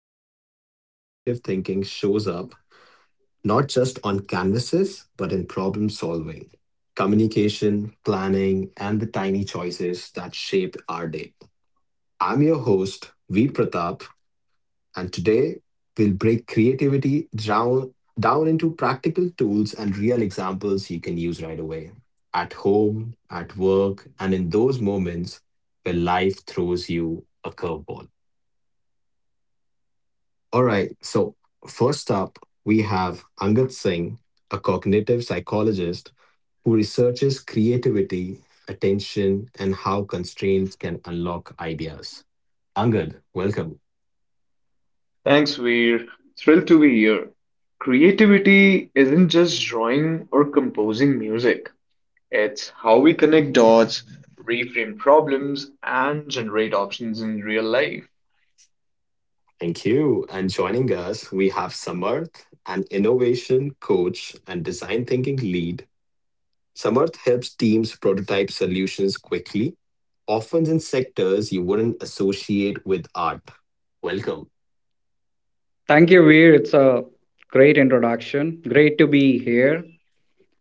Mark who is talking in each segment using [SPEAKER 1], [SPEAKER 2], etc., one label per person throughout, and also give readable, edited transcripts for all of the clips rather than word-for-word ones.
[SPEAKER 1] explore how creative thinking shows up not just on canvases, but in problem solving, communication, planning, and the tiny choices that shape our day. I'm your host, V Pratap, and today, we'll break creativity down, into practical tools and real examples you can use right away at home, at work, and in those moments where life throws you a curveball. So first up, we have Angad Singh, a cognitive psychologist who researches creativity, attention, and how constraints can unlock ideas. Angad, welcome.
[SPEAKER 2] Thanks, Veer. Thrilled to be here. Creativity isn't just drawing or composing music, it's how we connect dots, reframe problems, and generate options in real life.
[SPEAKER 1] Thank you. And joining us, we have Samarth, an innovation coach and design thinking lead. Samarth helps teams prototype solutions quickly, often in sectors you wouldn't associate with art. Welcome.
[SPEAKER 3] Thank you, Veer. It's a great introduction. Great to be here.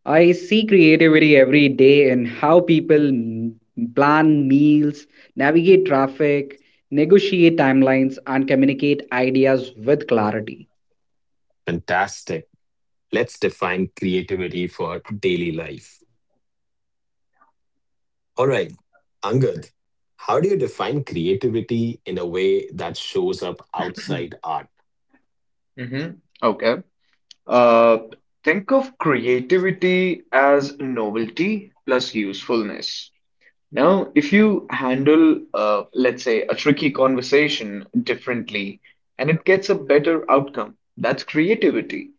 [SPEAKER 3] I see creativity every day in how people plan meals, navigate traffic, negotiate timelines, and communicate ideas with clarity.
[SPEAKER 1] Fantastic. Let's define creativity for daily life. All right, Angad, how do you define creativity in a way that shows up outside art?
[SPEAKER 2] Mm-hmm. Okay. Uh, think of creativity as novelty plus usefulness. Now, if you handle, let's say, a tricky conversation differently and it gets a better outcome, that's creativity.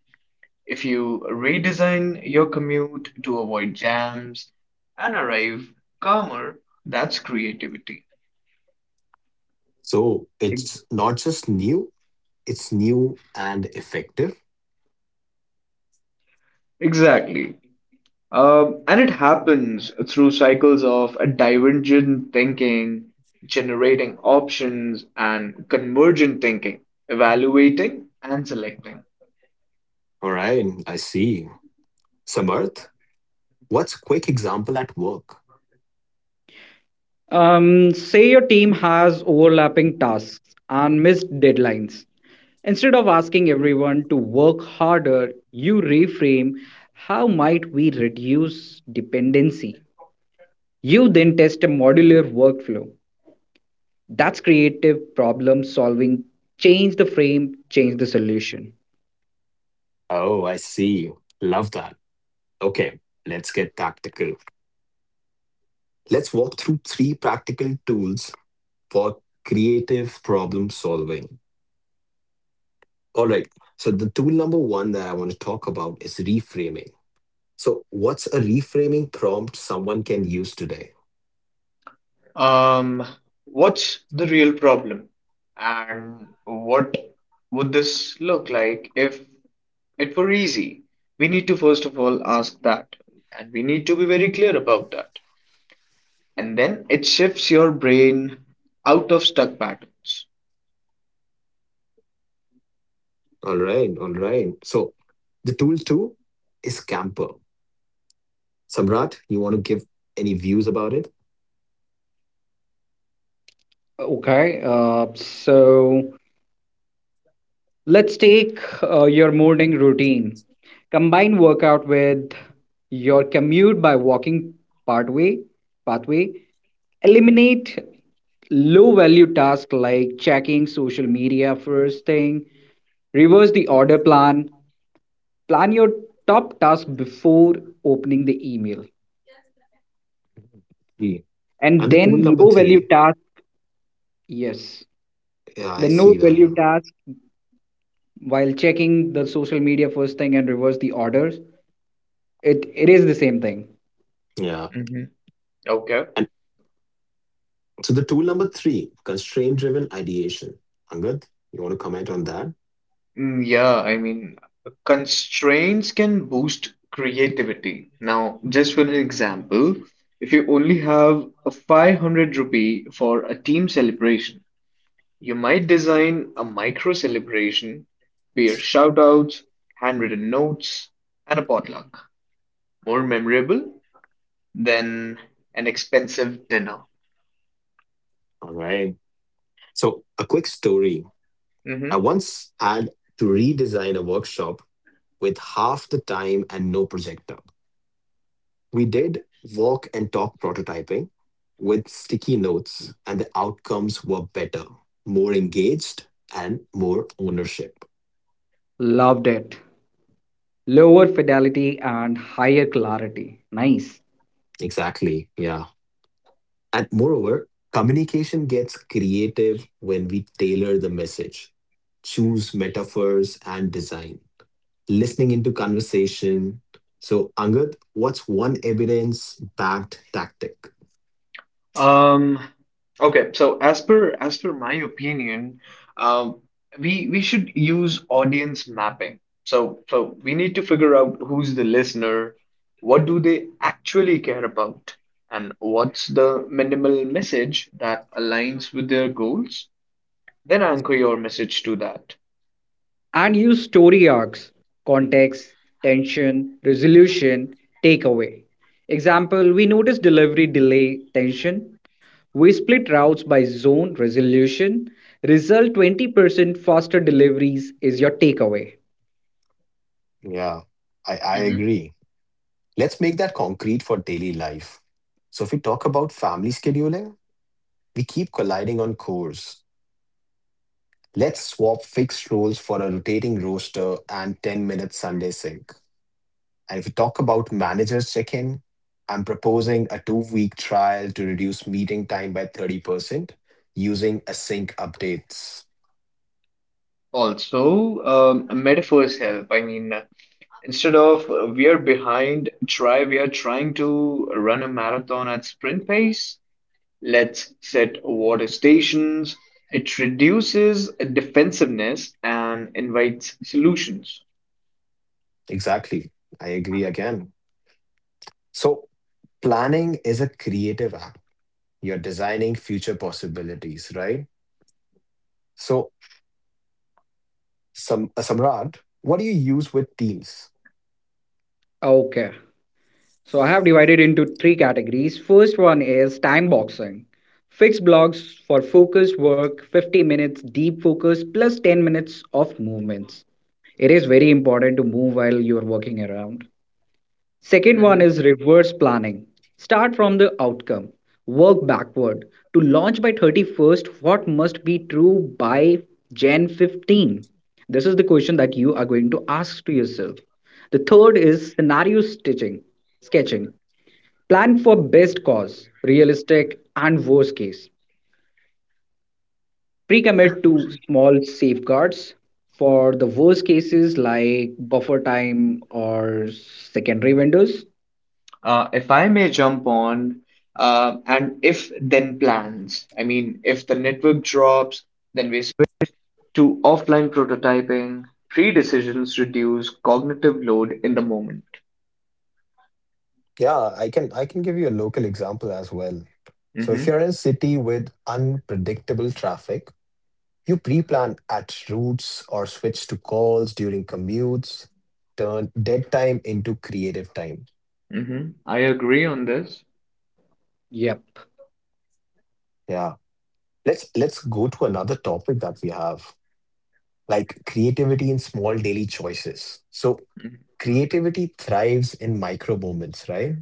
[SPEAKER 2] If you redesign your commute to avoid jams and arrive calmer, that's creativity.
[SPEAKER 1] So it's not just new, it's new and effective.
[SPEAKER 2] Exactly. And it happens through cycles of divergent thinking, generating options, and convergent thinking, evaluating and selecting.
[SPEAKER 1] All right, I see. Samarth, what's quick example at work?
[SPEAKER 3] Say your team has overlapping tasks and missed deadlines. Instead of asking everyone to work harder, you reframe how might we reduce dependency? You then test a modular workflow. That's creative problem solving. Change the frame, change the solution.
[SPEAKER 1] Oh, I see. Love that. Okay, let's get tactical. Let's walk through three practical tools for creative problem solving. All right, so the tool number one that I want to talk about is reframing. So, what's a reframing prompt someone can use today?
[SPEAKER 2] Um, what's the real problem? And what would this look like if it were easy? We need to first of all ask that, and we need to be very clear about that. And then it shifts your brain out of stuck patterns.
[SPEAKER 1] All right, all right. So, the tool two is Camper. Samrat, you want to give any views about it?
[SPEAKER 3] Okay, so let's take your morning routine. Combine workout with your commute by walking pathway. pathway. Eliminate low value tasks like checking social media first thing. Reverse the order Plan your top task before opening the email,
[SPEAKER 1] Yeah.
[SPEAKER 3] and
[SPEAKER 1] And the tool
[SPEAKER 3] then
[SPEAKER 1] number
[SPEAKER 3] low value
[SPEAKER 1] three,
[SPEAKER 3] task. Yes,
[SPEAKER 1] yeah,
[SPEAKER 3] the
[SPEAKER 1] I
[SPEAKER 3] no
[SPEAKER 1] see
[SPEAKER 3] value
[SPEAKER 1] that.
[SPEAKER 3] task while checking the social media first thing and reverse the orders, it is the same thing.
[SPEAKER 1] Yeah.
[SPEAKER 2] Mm-hmm. Okay.
[SPEAKER 1] And so the tool number three, constraint driven ideation. Angad, you want to comment on that?
[SPEAKER 2] Yeah, I mean, constraints can boost creativity. Now, just for an example, if you only have a 500 rupee for a team celebration, you might design a micro celebration, peer shout outs, handwritten notes, and a potluck. More memorable than an expensive dinner.
[SPEAKER 1] All right. So a quick story. I
[SPEAKER 2] Mm-hmm.
[SPEAKER 1] once had to redesign a workshop with half the time and no projector. We did walk and talk prototyping with sticky notes, and the outcomes were better, more engaged, and more ownership.
[SPEAKER 3] Loved it. Lower fidelity and higher clarity. Nice.
[SPEAKER 1] Exactly. Yeah. And moreover, communication gets creative when we tailor the message, choose metaphors and design, listening into conversation. So, Angad, what's one evidence backed tactic?
[SPEAKER 2] Um, okay, so as per my opinion, um, we should use audience mapping. So we need to figure out who's the listener, what do they actually care about, and what's the minimal message that aligns with their goals. Then anchor your message to that.
[SPEAKER 3] And use story arcs: context, tension, resolution, takeaway. Example: we notice delivery delay, tension. We split routes by zone, resolution. Result: 20% faster deliveries is your takeaway.
[SPEAKER 1] Yeah, I
[SPEAKER 2] Hmm.
[SPEAKER 1] agree. Let's make that concrete for daily life. So, if we talk about family scheduling, we keep colliding on cores. Let's swap fixed roles for a rotating roster and 10-minute Sunday sync. And if we talk about managers check in, I'm proposing a 2 week trial to reduce meeting time by 30% using async updates.
[SPEAKER 2] Also, metaphors help. I mean, instead of we are behind, try we are trying to run a marathon at sprint pace. Let's set water stations. It reduces defensiveness and invites solutions.
[SPEAKER 1] Exactly. I agree again. So, planning is a creative act. You're designing future possibilities, right? So, Some Samrat, what do you use with Teams?
[SPEAKER 3] Okay, so I have divided into three categories. First one is time boxing. Fixed blocks for focused work, 50 minutes deep focus plus 10 minutes of movements. It is very important to move while you are working around. Second one
[SPEAKER 2] Mhm.
[SPEAKER 3] is reverse planning. Start from the outcome, work backward. To launch by 31st, what must be true by January 15? This is the question that you are going to ask to yourself. The third is scenario stitching, sketching. Plan for best cause, realistic and worst case. Pre commit to small safeguards for the worst cases like buffer time or secondary vendors.
[SPEAKER 2] If I may jump on, and if then plans. I mean, if the network drops, then we switch to offline prototyping. Pre-decisions reduce cognitive load in the moment.
[SPEAKER 1] Yeah, I can give you a local example as well. So if
[SPEAKER 2] Hmm,
[SPEAKER 1] you're in a city with unpredictable traffic, you pre-plan at routes or switch to calls during commutes, turn dead time into creative time.
[SPEAKER 2] hmm, I agree on this.
[SPEAKER 3] Yep.
[SPEAKER 1] Yeah. Let's go to another topic that we have, like creativity in small daily choices. So
[SPEAKER 2] Mhm.
[SPEAKER 1] creativity thrives in micro moments, right?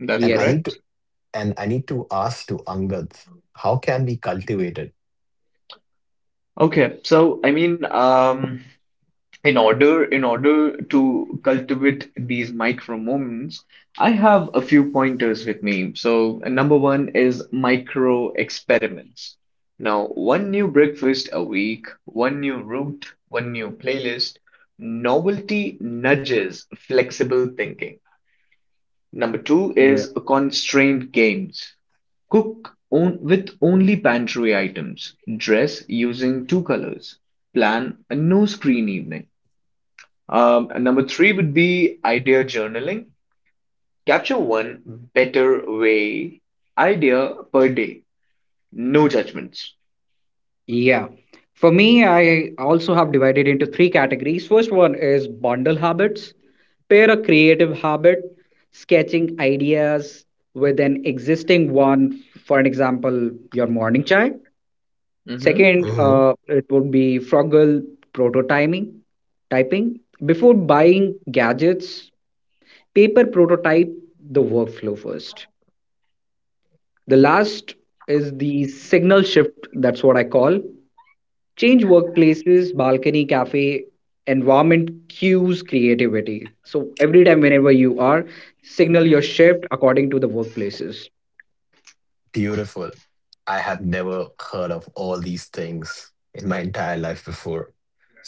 [SPEAKER 2] That's
[SPEAKER 1] And I
[SPEAKER 3] Yes.
[SPEAKER 1] need to
[SPEAKER 2] correct.
[SPEAKER 1] And I need to ask to Angad, how can we cultivate it?
[SPEAKER 2] Okay, so I mean, in order to cultivate these micro moments, I have a few pointers with me. So number one is micro experiments. Now, one new breakfast a week, one new route, one new playlist. Novelty nudges flexible thinking. Number two
[SPEAKER 3] Yeah.
[SPEAKER 2] is constrained games. Cook on, with only pantry items. Dress using two colors. Plan a no screen evening. And number three would be idea journaling. Capture one better way idea per day. No judgments.
[SPEAKER 3] Yeah. For me, I also have divided into three categories. First one is bundle habits, pair a creative habit, sketching ideas with an existing one. For an example, your morning chai.
[SPEAKER 2] Mm-hmm.
[SPEAKER 3] Second,
[SPEAKER 1] Hmm
[SPEAKER 3] it would be Froggle prototyping. Typing before buying gadgets, paper prototype the workflow first. The last is the signal shift. That's what I call change workplaces, balcony, cafe, environment cues creativity. So every time, whenever you are, signal your shift according to the workplaces.
[SPEAKER 1] Beautiful. I have never heard of all these things in my entire life before.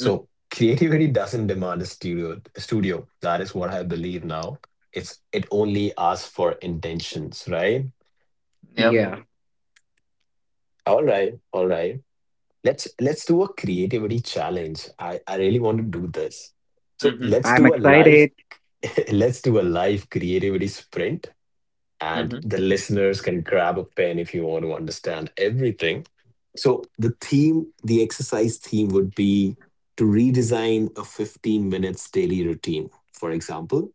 [SPEAKER 2] Mm,
[SPEAKER 1] creativity doesn't demand a studio. Studio. That is what I believe now. It's it only asks for intentions, right?
[SPEAKER 2] yep.
[SPEAKER 3] Yeah,
[SPEAKER 1] All right, all right. Let's do a creativity challenge. I really want to do this. So
[SPEAKER 2] Mm-hmm.
[SPEAKER 1] let's
[SPEAKER 3] I'm
[SPEAKER 1] do a live
[SPEAKER 3] excited.
[SPEAKER 1] let's do a live creativity sprint, and
[SPEAKER 2] Mm-hmm.
[SPEAKER 1] the listeners can grab a pen if you want to understand everything. So, the theme, the exercise theme would be to redesign a 15 minutes daily routine. For example,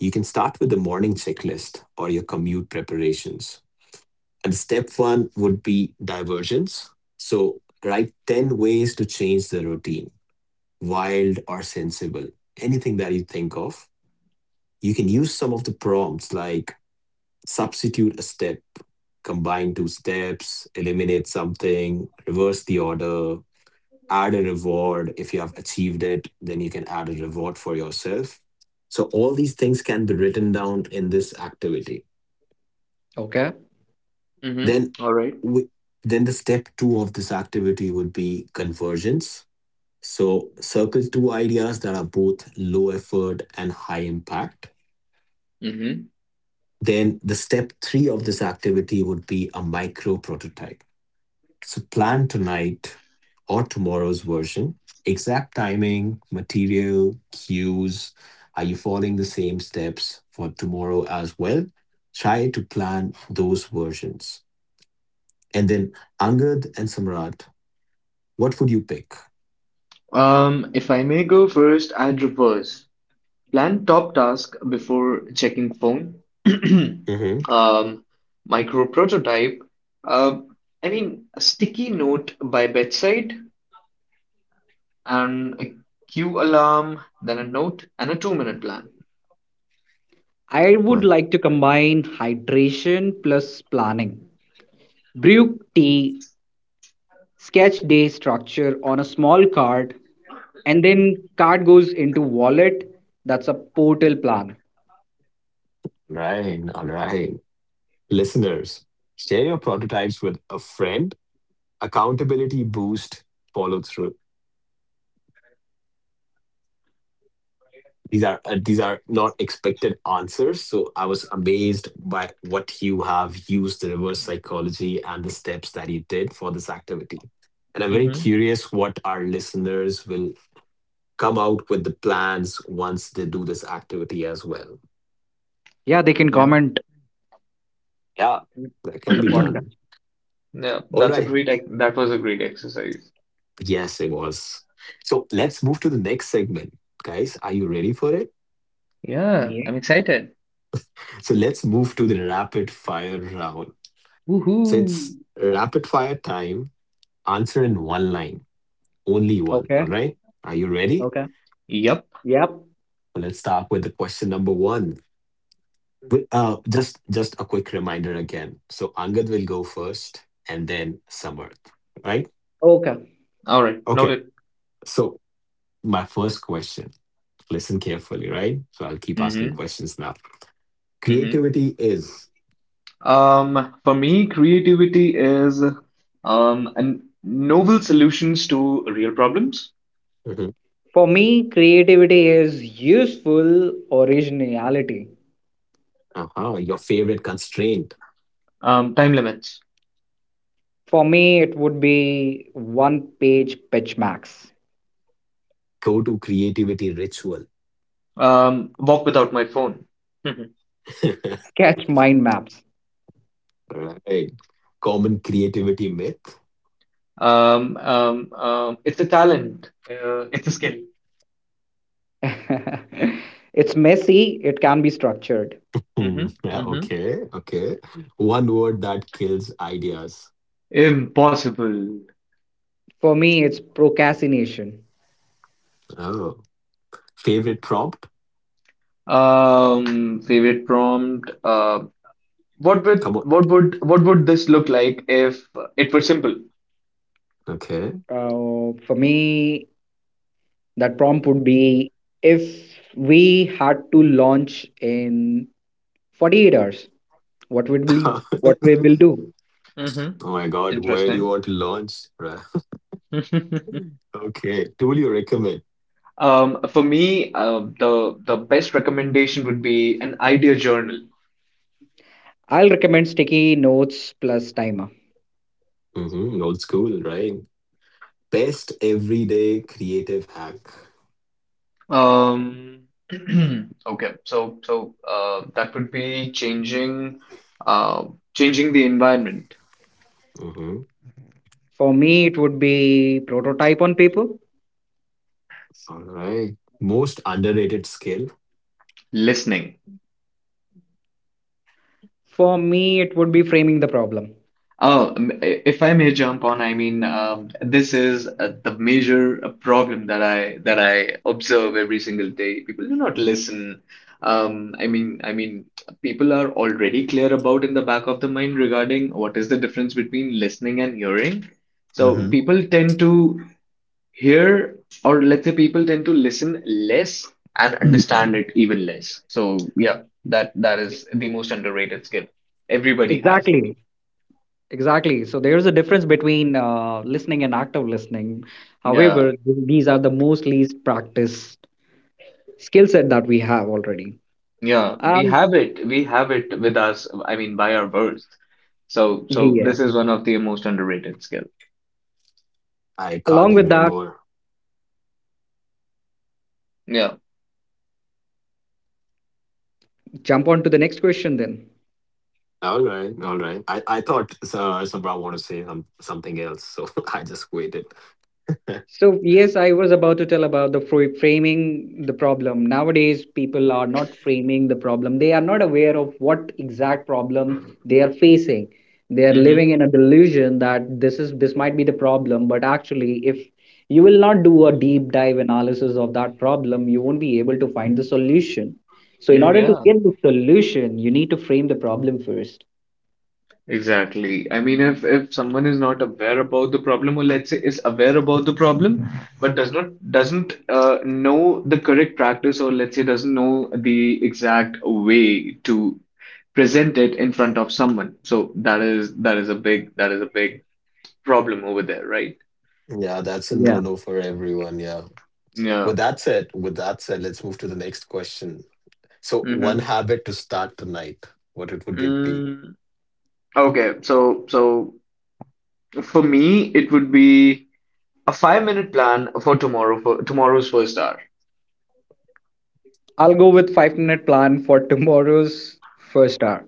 [SPEAKER 1] you can start with the morning checklist or your commute preparations. And step one would be divergence. So, write 10 ways to change the routine, wild or sensible, anything that you think of. You can use some of the prompts like substitute a step, combine two steps, eliminate something, reverse the order, add a reward. If you have achieved it, then you can add a reward for yourself. So all these things can be written down in this activity.
[SPEAKER 3] Okay.
[SPEAKER 2] Mm-hmm.
[SPEAKER 1] Then
[SPEAKER 2] All right.
[SPEAKER 1] we, then the step 2 of this activity would be convergence. So circle two ideas that are both low effort and high impact.
[SPEAKER 2] Mm-hmm.
[SPEAKER 1] Then the step 3 of this activity would be a micro prototype. So plan tonight or tomorrow's version. Exact timing, material, cues. Are you following the same steps for tomorrow as well? Try to plan those versions. And then Angad and Samrat, what would you pick?
[SPEAKER 2] If I may go first, I'd reverse. Plan top task before checking phone.
[SPEAKER 1] Mm-hmm.
[SPEAKER 2] um, Micro prototype. Um, I mean, a sticky note by bedside, and a queue alarm, then a note, and a 2-minute plan.
[SPEAKER 3] I would
[SPEAKER 1] Right.
[SPEAKER 3] like to combine hydration plus planning. Brew tea, sketch day structure on a small card, and then card goes into wallet. That's a portal plan.
[SPEAKER 1] Right. All right. Listeners, share your prototypes with a friend. Accountability boost follow through. These are these are not expected answers, so I was amazed by what you have used, the reverse psychology and the steps that you did for this activity, and I'm very
[SPEAKER 2] Mm-hmm.
[SPEAKER 1] curious what our listeners will come out with the plans once they do this activity as well.
[SPEAKER 3] Yeah, they can comment
[SPEAKER 1] Yeah, that
[SPEAKER 3] on
[SPEAKER 2] Yeah.
[SPEAKER 1] can
[SPEAKER 3] the
[SPEAKER 1] be done.
[SPEAKER 3] podcast.
[SPEAKER 1] All right,
[SPEAKER 2] That was a great exercise.
[SPEAKER 1] yes it was. So let's move to the next segment. Guys, are you ready for it?
[SPEAKER 2] Yeah.
[SPEAKER 3] Yeah.
[SPEAKER 2] I'm excited.
[SPEAKER 1] So let's move to the rapid fire round. So
[SPEAKER 2] Woohoo.
[SPEAKER 1] it's rapid fire time. Answer in one line, only one.
[SPEAKER 3] Okay.
[SPEAKER 1] All right. Are you ready?
[SPEAKER 3] Okay.
[SPEAKER 2] Yep.
[SPEAKER 3] Yep.
[SPEAKER 1] Well, let's start with the question number one. Just a quick reminder again. So Angad will go first, and then Samarth. Right?
[SPEAKER 3] Okay,
[SPEAKER 2] All right,
[SPEAKER 1] Okay.
[SPEAKER 2] noted.
[SPEAKER 1] So my first question. Listen carefully, right? So I'll keep asking
[SPEAKER 2] Mm-hmm.
[SPEAKER 1] questions now.
[SPEAKER 2] Mm-hmm.
[SPEAKER 1] Creativity is.
[SPEAKER 2] For me, creativity is an novel solutions to real problems.
[SPEAKER 1] Mhm.
[SPEAKER 3] for me creativity is useful originality.
[SPEAKER 1] Uh-huh, your favorite constraint.
[SPEAKER 2] Time limits.
[SPEAKER 3] For me, it would be one page pitch max.
[SPEAKER 1] Go to creativity ritual.
[SPEAKER 2] Walk without my phone.
[SPEAKER 3] Sketch mind maps.
[SPEAKER 1] Right. Common creativity myth.
[SPEAKER 2] It's a talent. It's a skill.
[SPEAKER 3] It's messy. It can be structured.
[SPEAKER 1] Hmm.
[SPEAKER 2] Mm-hmm.
[SPEAKER 1] Yeah,
[SPEAKER 2] Mm-hmm.
[SPEAKER 1] okay. Okay. One word that kills ideas.
[SPEAKER 2] Impossible.
[SPEAKER 3] For me, it's procrastination.
[SPEAKER 1] Oh. Favorite prompt?
[SPEAKER 2] Favorite prompt.
[SPEAKER 1] Come on.
[SPEAKER 2] What would this look like if it were simple?
[SPEAKER 1] Okay.
[SPEAKER 3] For me, that prompt would be if we had to launch in 48 hours, what would we
[SPEAKER 1] Oh
[SPEAKER 3] what we will do?
[SPEAKER 2] Mm-hmm.
[SPEAKER 1] my God. Where do you
[SPEAKER 2] Interesting.
[SPEAKER 1] want to launch? Right. Okay. Tool you recommend?
[SPEAKER 2] For me, the best recommendation would be an idea journal.
[SPEAKER 3] I'll recommend sticky notes plus timer.
[SPEAKER 1] Mm-hmm. Old school, right? Best everyday creative hack.
[SPEAKER 2] Um, okay, that would be uh, changing the environment.
[SPEAKER 1] Mm-hmm.
[SPEAKER 3] For me, it would be prototype on paper.
[SPEAKER 1] All right. Most underrated skill.
[SPEAKER 2] Listening.
[SPEAKER 3] For me, it would be framing the problem.
[SPEAKER 2] Oh, if I may jump on, I mean, this is the major problem that I observe every single day. People do not listen. I mean, people are already clear about in the back of the mind regarding what is the difference between listening and hearing. So
[SPEAKER 1] Hmm
[SPEAKER 2] people tend to hear, or let's say people tend to listen less and understand it even less. So yeah, that is the most underrated skill. Everybody has it.
[SPEAKER 3] Exactly, exactly. So there's a difference between listening and active listening.
[SPEAKER 2] Yeah.
[SPEAKER 3] However, these are the most least practiced skill set that we have already.
[SPEAKER 2] Yeah, we
[SPEAKER 3] Um,
[SPEAKER 2] have it. We have it with us, I mean, by our birth. So
[SPEAKER 3] yeah.
[SPEAKER 2] this is one of the most underrated skill.
[SPEAKER 1] I can't
[SPEAKER 3] Along with
[SPEAKER 1] agree
[SPEAKER 3] that,
[SPEAKER 1] more.
[SPEAKER 2] Yeah.
[SPEAKER 3] jump on to the next question then.
[SPEAKER 1] All right, all right. I thought Sabra want to say something else, so I just waited.
[SPEAKER 3] So, yes, I was about to tell about the framing the problem. Nowadays, people are not framing the problem. They are not aware of what exact problem they are facing. They are
[SPEAKER 2] Mm-hmm.
[SPEAKER 3] living in a delusion that this might be the problem, but actually, if you will not do a deep dive analysis of that problem, you won't be able to find the solution. So, in order to
[SPEAKER 2] Yeah.
[SPEAKER 3] get the solution, you need to frame the problem first.
[SPEAKER 2] Exactly. I mean, if someone is not aware about the problem, or let's say is aware about the problem, but doesn't know the correct practice, or let's say doesn't know the exact way to present it in front of someone. So that is a big that is a big problem over there, right?
[SPEAKER 1] Yeah, that's a no-no for everyone. Yeah. With
[SPEAKER 2] Yeah.
[SPEAKER 1] that said, with that said, let's move to the next question. So, one habit to start tonight, what it would it be?
[SPEAKER 2] Mm-hmm. Okay, so for me, it would be a 5-minute plan for tomorrow's first hour.
[SPEAKER 3] I'll go with 5 minute plan for tomorrow's first hour.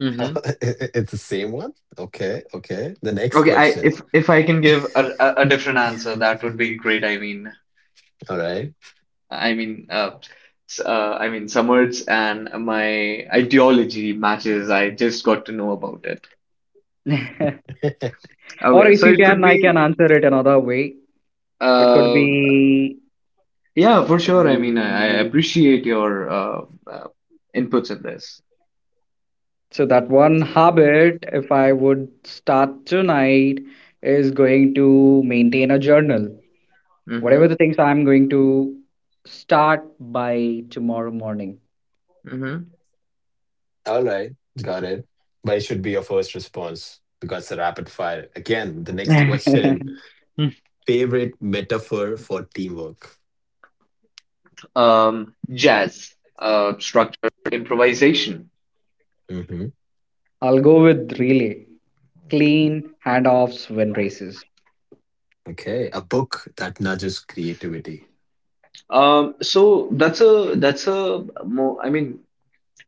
[SPEAKER 2] Mm-hmm.
[SPEAKER 1] It's the same one? Okay, okay. The next
[SPEAKER 2] Okay, I
[SPEAKER 1] question.
[SPEAKER 2] if I can give a different answer, that would be great.
[SPEAKER 1] All right.
[SPEAKER 2] I mean, Summers and my ideology matches. I just got to know about it.
[SPEAKER 3] Or
[SPEAKER 2] Okay,
[SPEAKER 3] if
[SPEAKER 2] so
[SPEAKER 3] you
[SPEAKER 2] it would
[SPEAKER 3] can, I can
[SPEAKER 2] be,
[SPEAKER 3] answer it another way. It could
[SPEAKER 2] uh,
[SPEAKER 3] be,
[SPEAKER 2] yeah, for sure. I mean, I
[SPEAKER 3] mm,
[SPEAKER 2] appreciate your inputs in this.
[SPEAKER 3] so that one habit, if I would start tonight, is going to maintain a journal. Whatever
[SPEAKER 2] Mm-hmm.
[SPEAKER 3] the things I'm going to start by tomorrow morning.
[SPEAKER 2] Mm-hmm.
[SPEAKER 1] All right. Got it. But it should be your first response because the rapid fire. Again, the next question. Favorite metaphor for teamwork?
[SPEAKER 2] Jazz, structured improvisation.
[SPEAKER 1] Hmm
[SPEAKER 3] I'll go with relay, clean handoffs, win races.
[SPEAKER 1] Okay. A book that nudges creativity.
[SPEAKER 2] So that's a more I mean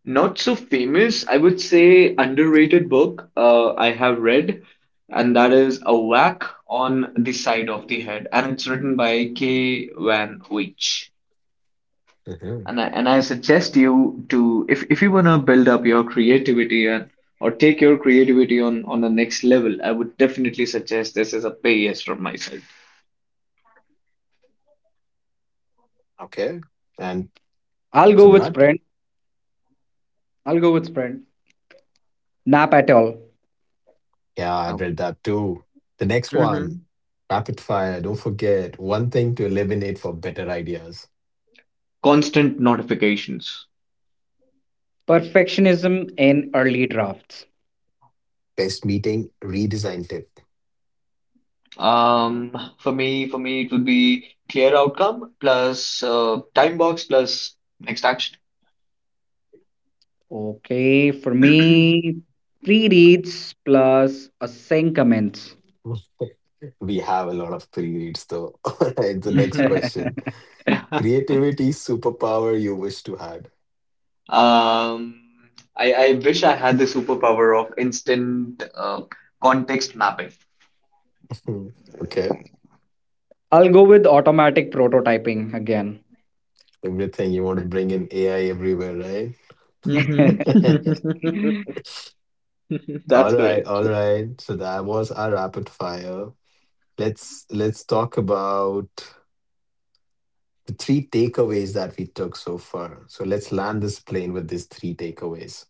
[SPEAKER 2] not so famous I would say underrated book I have read, and that is A Whack on the Side of the Head, and it's written by K. Van Wyk.
[SPEAKER 1] Hmm
[SPEAKER 2] And I suggest you to if you wanna build up your creativity and or take your creativity on the next level, I would definitely suggest this as a pay yes from my side.
[SPEAKER 1] Okay. And
[SPEAKER 3] I'll go with
[SPEAKER 1] Samrat?
[SPEAKER 3] sprint. I'll go with sprint. Nap at all.
[SPEAKER 1] Yeah, I've read that too. The next one,
[SPEAKER 2] Mhm.
[SPEAKER 1] rapid fire. Don't forget one thing to eliminate for better ideas.
[SPEAKER 2] Constant notifications.
[SPEAKER 3] Perfectionism in early drafts.
[SPEAKER 1] Best meeting redesign tip.
[SPEAKER 2] For me, it would be clear outcome plus time box plus next action.
[SPEAKER 3] Okay, for me, pre reads plus a sync comments.
[SPEAKER 1] We have a lot of pre reads though. All right, the next question.
[SPEAKER 2] Yeah.
[SPEAKER 1] Creativity superpower you wish to had.
[SPEAKER 2] Um, I wish I had the superpower of instant context mapping.
[SPEAKER 1] Hmm, okay.
[SPEAKER 3] I'll go with automatic prototyping again.
[SPEAKER 1] Everything you want to bring in AI everywhere, right?
[SPEAKER 2] Mm-hmm.
[SPEAKER 1] All
[SPEAKER 2] That's
[SPEAKER 1] right,
[SPEAKER 2] correct.
[SPEAKER 1] all right. So that was our rapid fire. Let's talk about the three takeaways that we took so far. So let's land this plane with these three takeaways.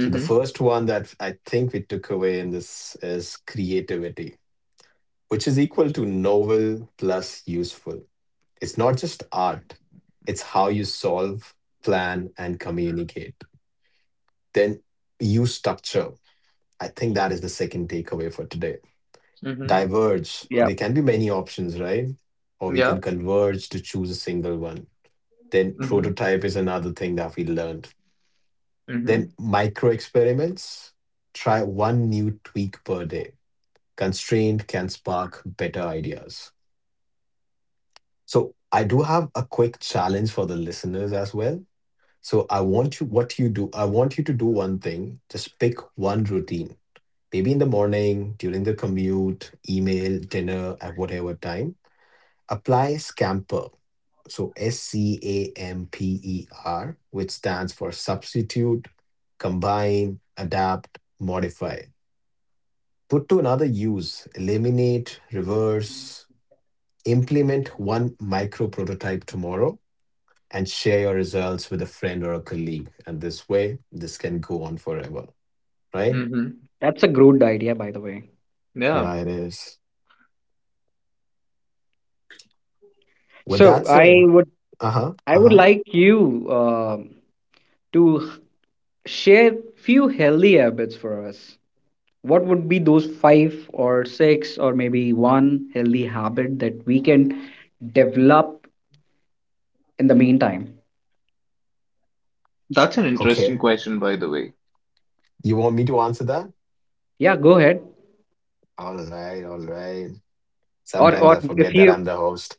[SPEAKER 1] So the first one that I think we took away in this is creativity, which is equal to novel plus useful. It's not just art, it's how you solve, plan, and communicate. Then use structure. I think that is the second takeaway for today.
[SPEAKER 2] Mm-hmm.
[SPEAKER 1] Diverge.
[SPEAKER 3] Yeah,
[SPEAKER 1] There can be many options, right? Or we
[SPEAKER 2] Yeah.
[SPEAKER 1] can converge to choose a single one. Then
[SPEAKER 2] Mm-hmm.
[SPEAKER 1] prototype is another thing that we learned.
[SPEAKER 2] Mm-hmm.
[SPEAKER 1] Then micro experiments. Try one new tweak per day. Constraint can spark better ideas. So I do have a quick challenge for the listeners as well. So I want you what you do, I want you to do one thing. Just pick one routine. Maybe in the morning, during the commute, email, dinner, at whatever time, apply Scamper. So SCAMPER, which stands for substitute, combine, adapt, modify. Put to another use, eliminate, reverse, implement one micro prototype tomorrow, and share your results with a friend or a colleague. And this way, this can go on forever, right?
[SPEAKER 2] Mm-hmm.
[SPEAKER 3] that's a good idea, by the way.
[SPEAKER 2] Yeah.
[SPEAKER 1] Yeah, it is. With that
[SPEAKER 3] So
[SPEAKER 1] said,
[SPEAKER 3] I would
[SPEAKER 1] uh huh,
[SPEAKER 3] I
[SPEAKER 1] uh
[SPEAKER 3] would
[SPEAKER 1] huh.
[SPEAKER 3] like you to share few healthy habits for us. What would be those five or six or maybe one healthy habit that we can develop in the meantime.
[SPEAKER 2] That's an
[SPEAKER 1] Okay.
[SPEAKER 2] interesting question, by the way.
[SPEAKER 1] You want me to answer that?
[SPEAKER 3] Yeah, go ahead.
[SPEAKER 1] All right, all right.
[SPEAKER 3] Or
[SPEAKER 1] Sometimes I
[SPEAKER 3] or
[SPEAKER 1] forget
[SPEAKER 3] if
[SPEAKER 1] that
[SPEAKER 3] you
[SPEAKER 1] I'm the host.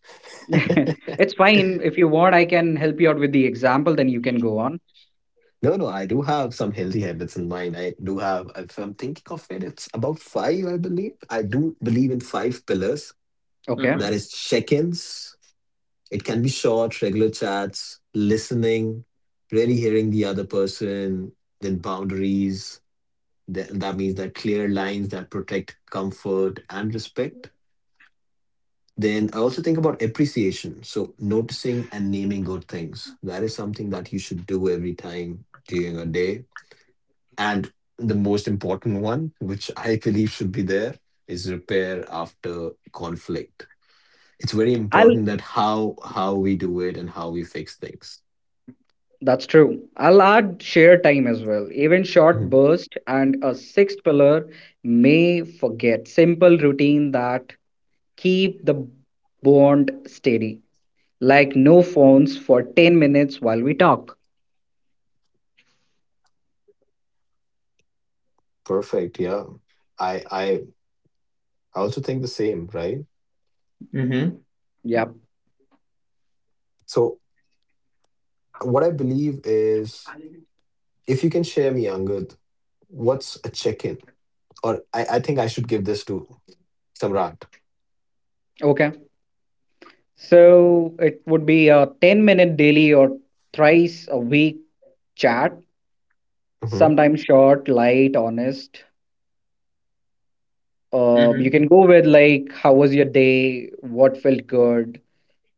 [SPEAKER 3] it's fine. If you want, I can help you out with the example, then you can go on.
[SPEAKER 1] No, no, I do have some healthy habits in mind. I do have, if I'm thinking of it, it's about five, I believe. I do believe in five pillars.
[SPEAKER 3] Okay.
[SPEAKER 2] Mm-hmm.
[SPEAKER 1] That is check ins, it can be short, regular chats, listening, really hearing the other person, then boundaries. That means that clear lines that protect comfort and respect. Then I also think about appreciation. So noticing and naming good things. That is something that you should do every time during a day. And the most important one, which I believe should be there, is repair after conflict. It's very
[SPEAKER 3] I'll
[SPEAKER 1] important that how we do it and how we fix things.
[SPEAKER 3] That's true. I'll add share time as well. Even short
[SPEAKER 1] Mhm.
[SPEAKER 3] burst and a sixth pillar may forget. Simple routine that keep the bond steady. Like no phones for 10 minutes while we talk.
[SPEAKER 1] Perfect. Yeah. I I I also think the same, right?
[SPEAKER 2] Mm-hmm.
[SPEAKER 3] Yep.
[SPEAKER 1] So what I believe is, if you can share me, Angad, what's a check-in? Or I think I should give this to Samrat.
[SPEAKER 3] Okay. So it would be a 10-minute daily or thrice a week chat,
[SPEAKER 1] Hmm
[SPEAKER 3] sometimes short, light, honest. You
[SPEAKER 2] Mm-hmm.
[SPEAKER 3] can go with like, how was your day? What felt good?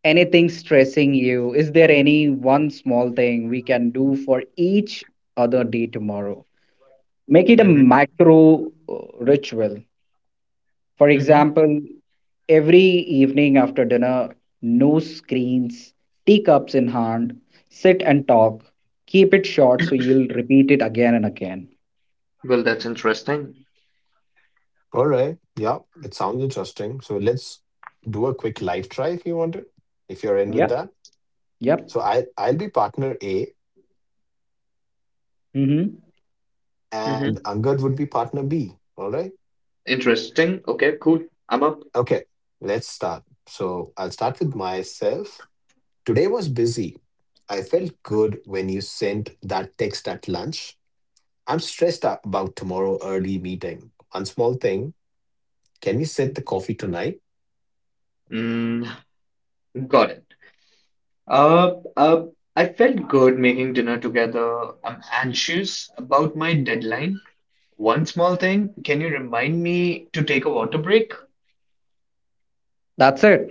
[SPEAKER 3] Anything stressing you? Is there any one small thing we can do for each other day tomorrow? Make it a
[SPEAKER 2] Mm-hmm.
[SPEAKER 3] macro ritual. For
[SPEAKER 2] Mm-hmm.
[SPEAKER 3] example, every evening after dinner, no screens, teacups in hand, sit and talk. Keep it short so you'll repeat it again and again.
[SPEAKER 2] Well, that's interesting.
[SPEAKER 1] All right. Yeah, it sounds interesting. So let's do a quick live try, if you want to, if you're in with
[SPEAKER 3] Yep.
[SPEAKER 1] that.
[SPEAKER 3] Yep.
[SPEAKER 1] So I I'll be partner A
[SPEAKER 3] Mm-hmm.
[SPEAKER 1] and
[SPEAKER 2] Mm-hmm.
[SPEAKER 1] Angad would be partner B. All right.
[SPEAKER 2] Interesting. Okay, cool. I'm up.
[SPEAKER 1] Okay. Let's start. So I'll start with myself. Today was busy. I felt good when you sent that text at lunch. I'm stressed out about tomorrow early meeting. One small thing. Can we set the coffee tonight?
[SPEAKER 2] Mm, got it. Uh, uh, I felt good making dinner together. I'm anxious about my deadline. One small thing, can you remind me to take a water break?
[SPEAKER 3] That's it.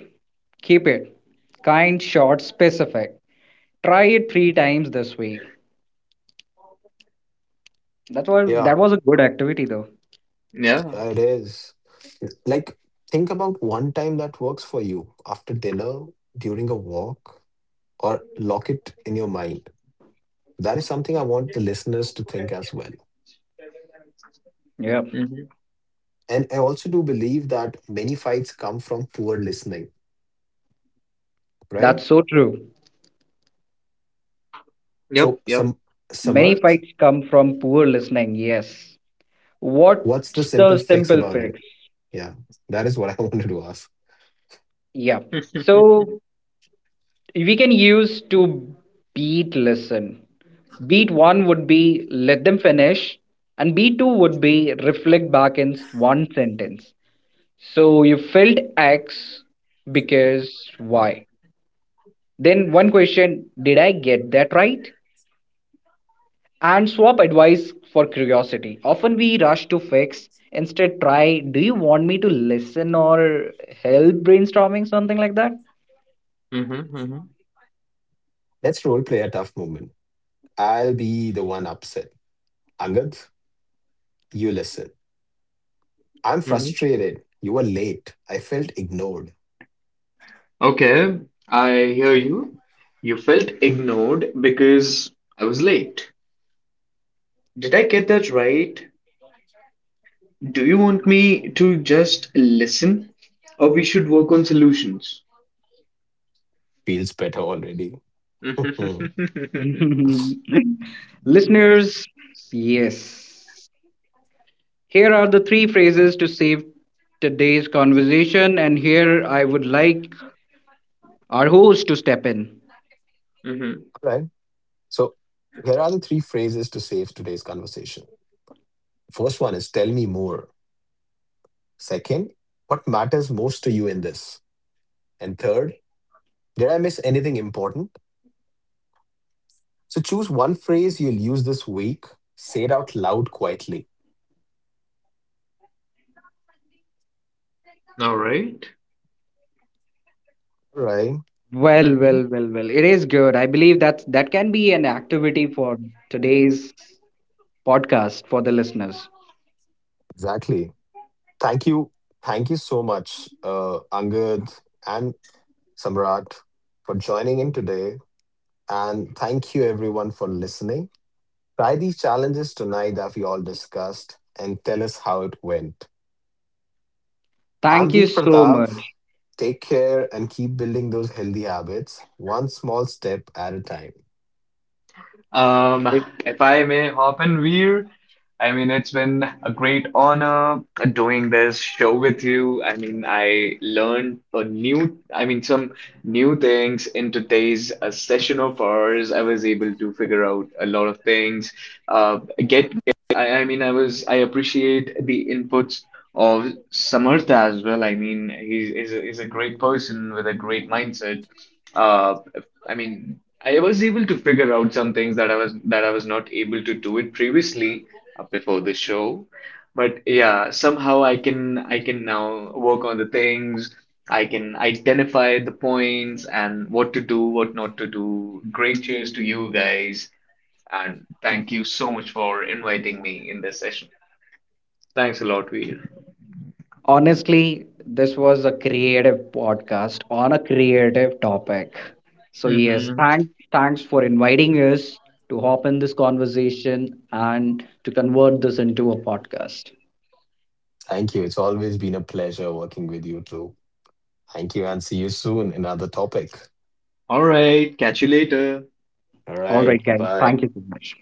[SPEAKER 3] Keep it. Kind, short, specific. Try it three times this week.
[SPEAKER 1] Yeah,
[SPEAKER 3] That was a good activity though.
[SPEAKER 2] Yeah.
[SPEAKER 1] yeah, it is. Like, think about one time that works for you after dinner, during a walk, or lock it in your mind. That is something I want the listeners to think as well.
[SPEAKER 3] Yeah.
[SPEAKER 2] Mm-hmm.
[SPEAKER 1] And I also do believe that many fights come from poor listening, right?
[SPEAKER 3] That's so true.
[SPEAKER 1] So,
[SPEAKER 2] Yep, yep.
[SPEAKER 1] some
[SPEAKER 3] Many
[SPEAKER 1] Samarth,
[SPEAKER 3] fights come from poor listening, yes.
[SPEAKER 1] what's the
[SPEAKER 3] What's
[SPEAKER 1] simple
[SPEAKER 3] the
[SPEAKER 1] fix
[SPEAKER 3] simple
[SPEAKER 1] about it?
[SPEAKER 3] fix?
[SPEAKER 1] Yeah, that is what I wanted to ask.
[SPEAKER 3] Yeah. So we can use to beat listen. Beat one would be, let them finish, and beat two would be, reflect back in one sentence: so you felt x because y. Then one question: did I get that right? And swap advice for curiosity. Often we rush to fix. Instead try, do you want me to listen or help brainstorming something like that?
[SPEAKER 2] Mm-hmm. Mm-hmm.
[SPEAKER 1] Let's role play a tough moment. I'll be the one upset. Angad, you listen. I'm
[SPEAKER 2] Mm-hmm.
[SPEAKER 1] frustrated. You were late. I felt ignored.
[SPEAKER 2] Okay, I hear you. You felt ignored because I was late. Did I get that right? Do you want me to just listen, or we should work on solutions?
[SPEAKER 1] Feels better already. All
[SPEAKER 3] Listeners, yes. Here are the three phrases to save today's conversation, and here I would like our host to step in.
[SPEAKER 2] Mhm.
[SPEAKER 1] right. So here are the three phrases to save today's conversation. First one is tell me more. Second, what matters most to you in this? And third, did I miss anything important? So choose one phrase you'll use this week. Say it out loud quietly.
[SPEAKER 2] All right.
[SPEAKER 1] All right.
[SPEAKER 3] Well, well, well, well. It is good. I believe that that can be an activity for today's podcast for the listeners.
[SPEAKER 1] Exactly. Thank you. Thank you so much, Angad and Samrat, for joining in today. And thank you everyone for listening. Try these challenges tonight that we all discussed and tell us how it went. I'm
[SPEAKER 3] Thank you
[SPEAKER 1] Veer
[SPEAKER 3] so
[SPEAKER 1] Pratap.
[SPEAKER 3] much.
[SPEAKER 1] Take care and keep building those healthy habits, one small step at a time.
[SPEAKER 2] Um, if I may hop in, Veer, I mean, it's been a great honor doing this show with you. I mean, I learned a new, I mean, some new things in today's session of ours. I was able to figure out a lot of things. Uh, get, I mean, I appreciate the inputs of Samarth as well. I mean, he's a great person with a great mindset. Uh, I mean, I was able to figure out some things that I was not able to do it previously before the show. But yeah, somehow I can now work on the things. I can identify the points and what to do, what not to do. Great cheers to you guys, and thank you so much for inviting me in this session. Thanks a lot, Veer.
[SPEAKER 3] Honestly, this was a creative podcast on a creative topic. So yes,
[SPEAKER 2] Mm-hmm.
[SPEAKER 3] thanks for inviting us to hop in this conversation and to convert this into a podcast.
[SPEAKER 1] Thank you. It's always been a pleasure working with you too. Thank you and see you soon. In another topic.
[SPEAKER 2] All right, catch you later.
[SPEAKER 1] All
[SPEAKER 3] All
[SPEAKER 1] right.
[SPEAKER 3] right,
[SPEAKER 1] Bye
[SPEAKER 3] guys.
[SPEAKER 1] bye.
[SPEAKER 3] Thank you so much.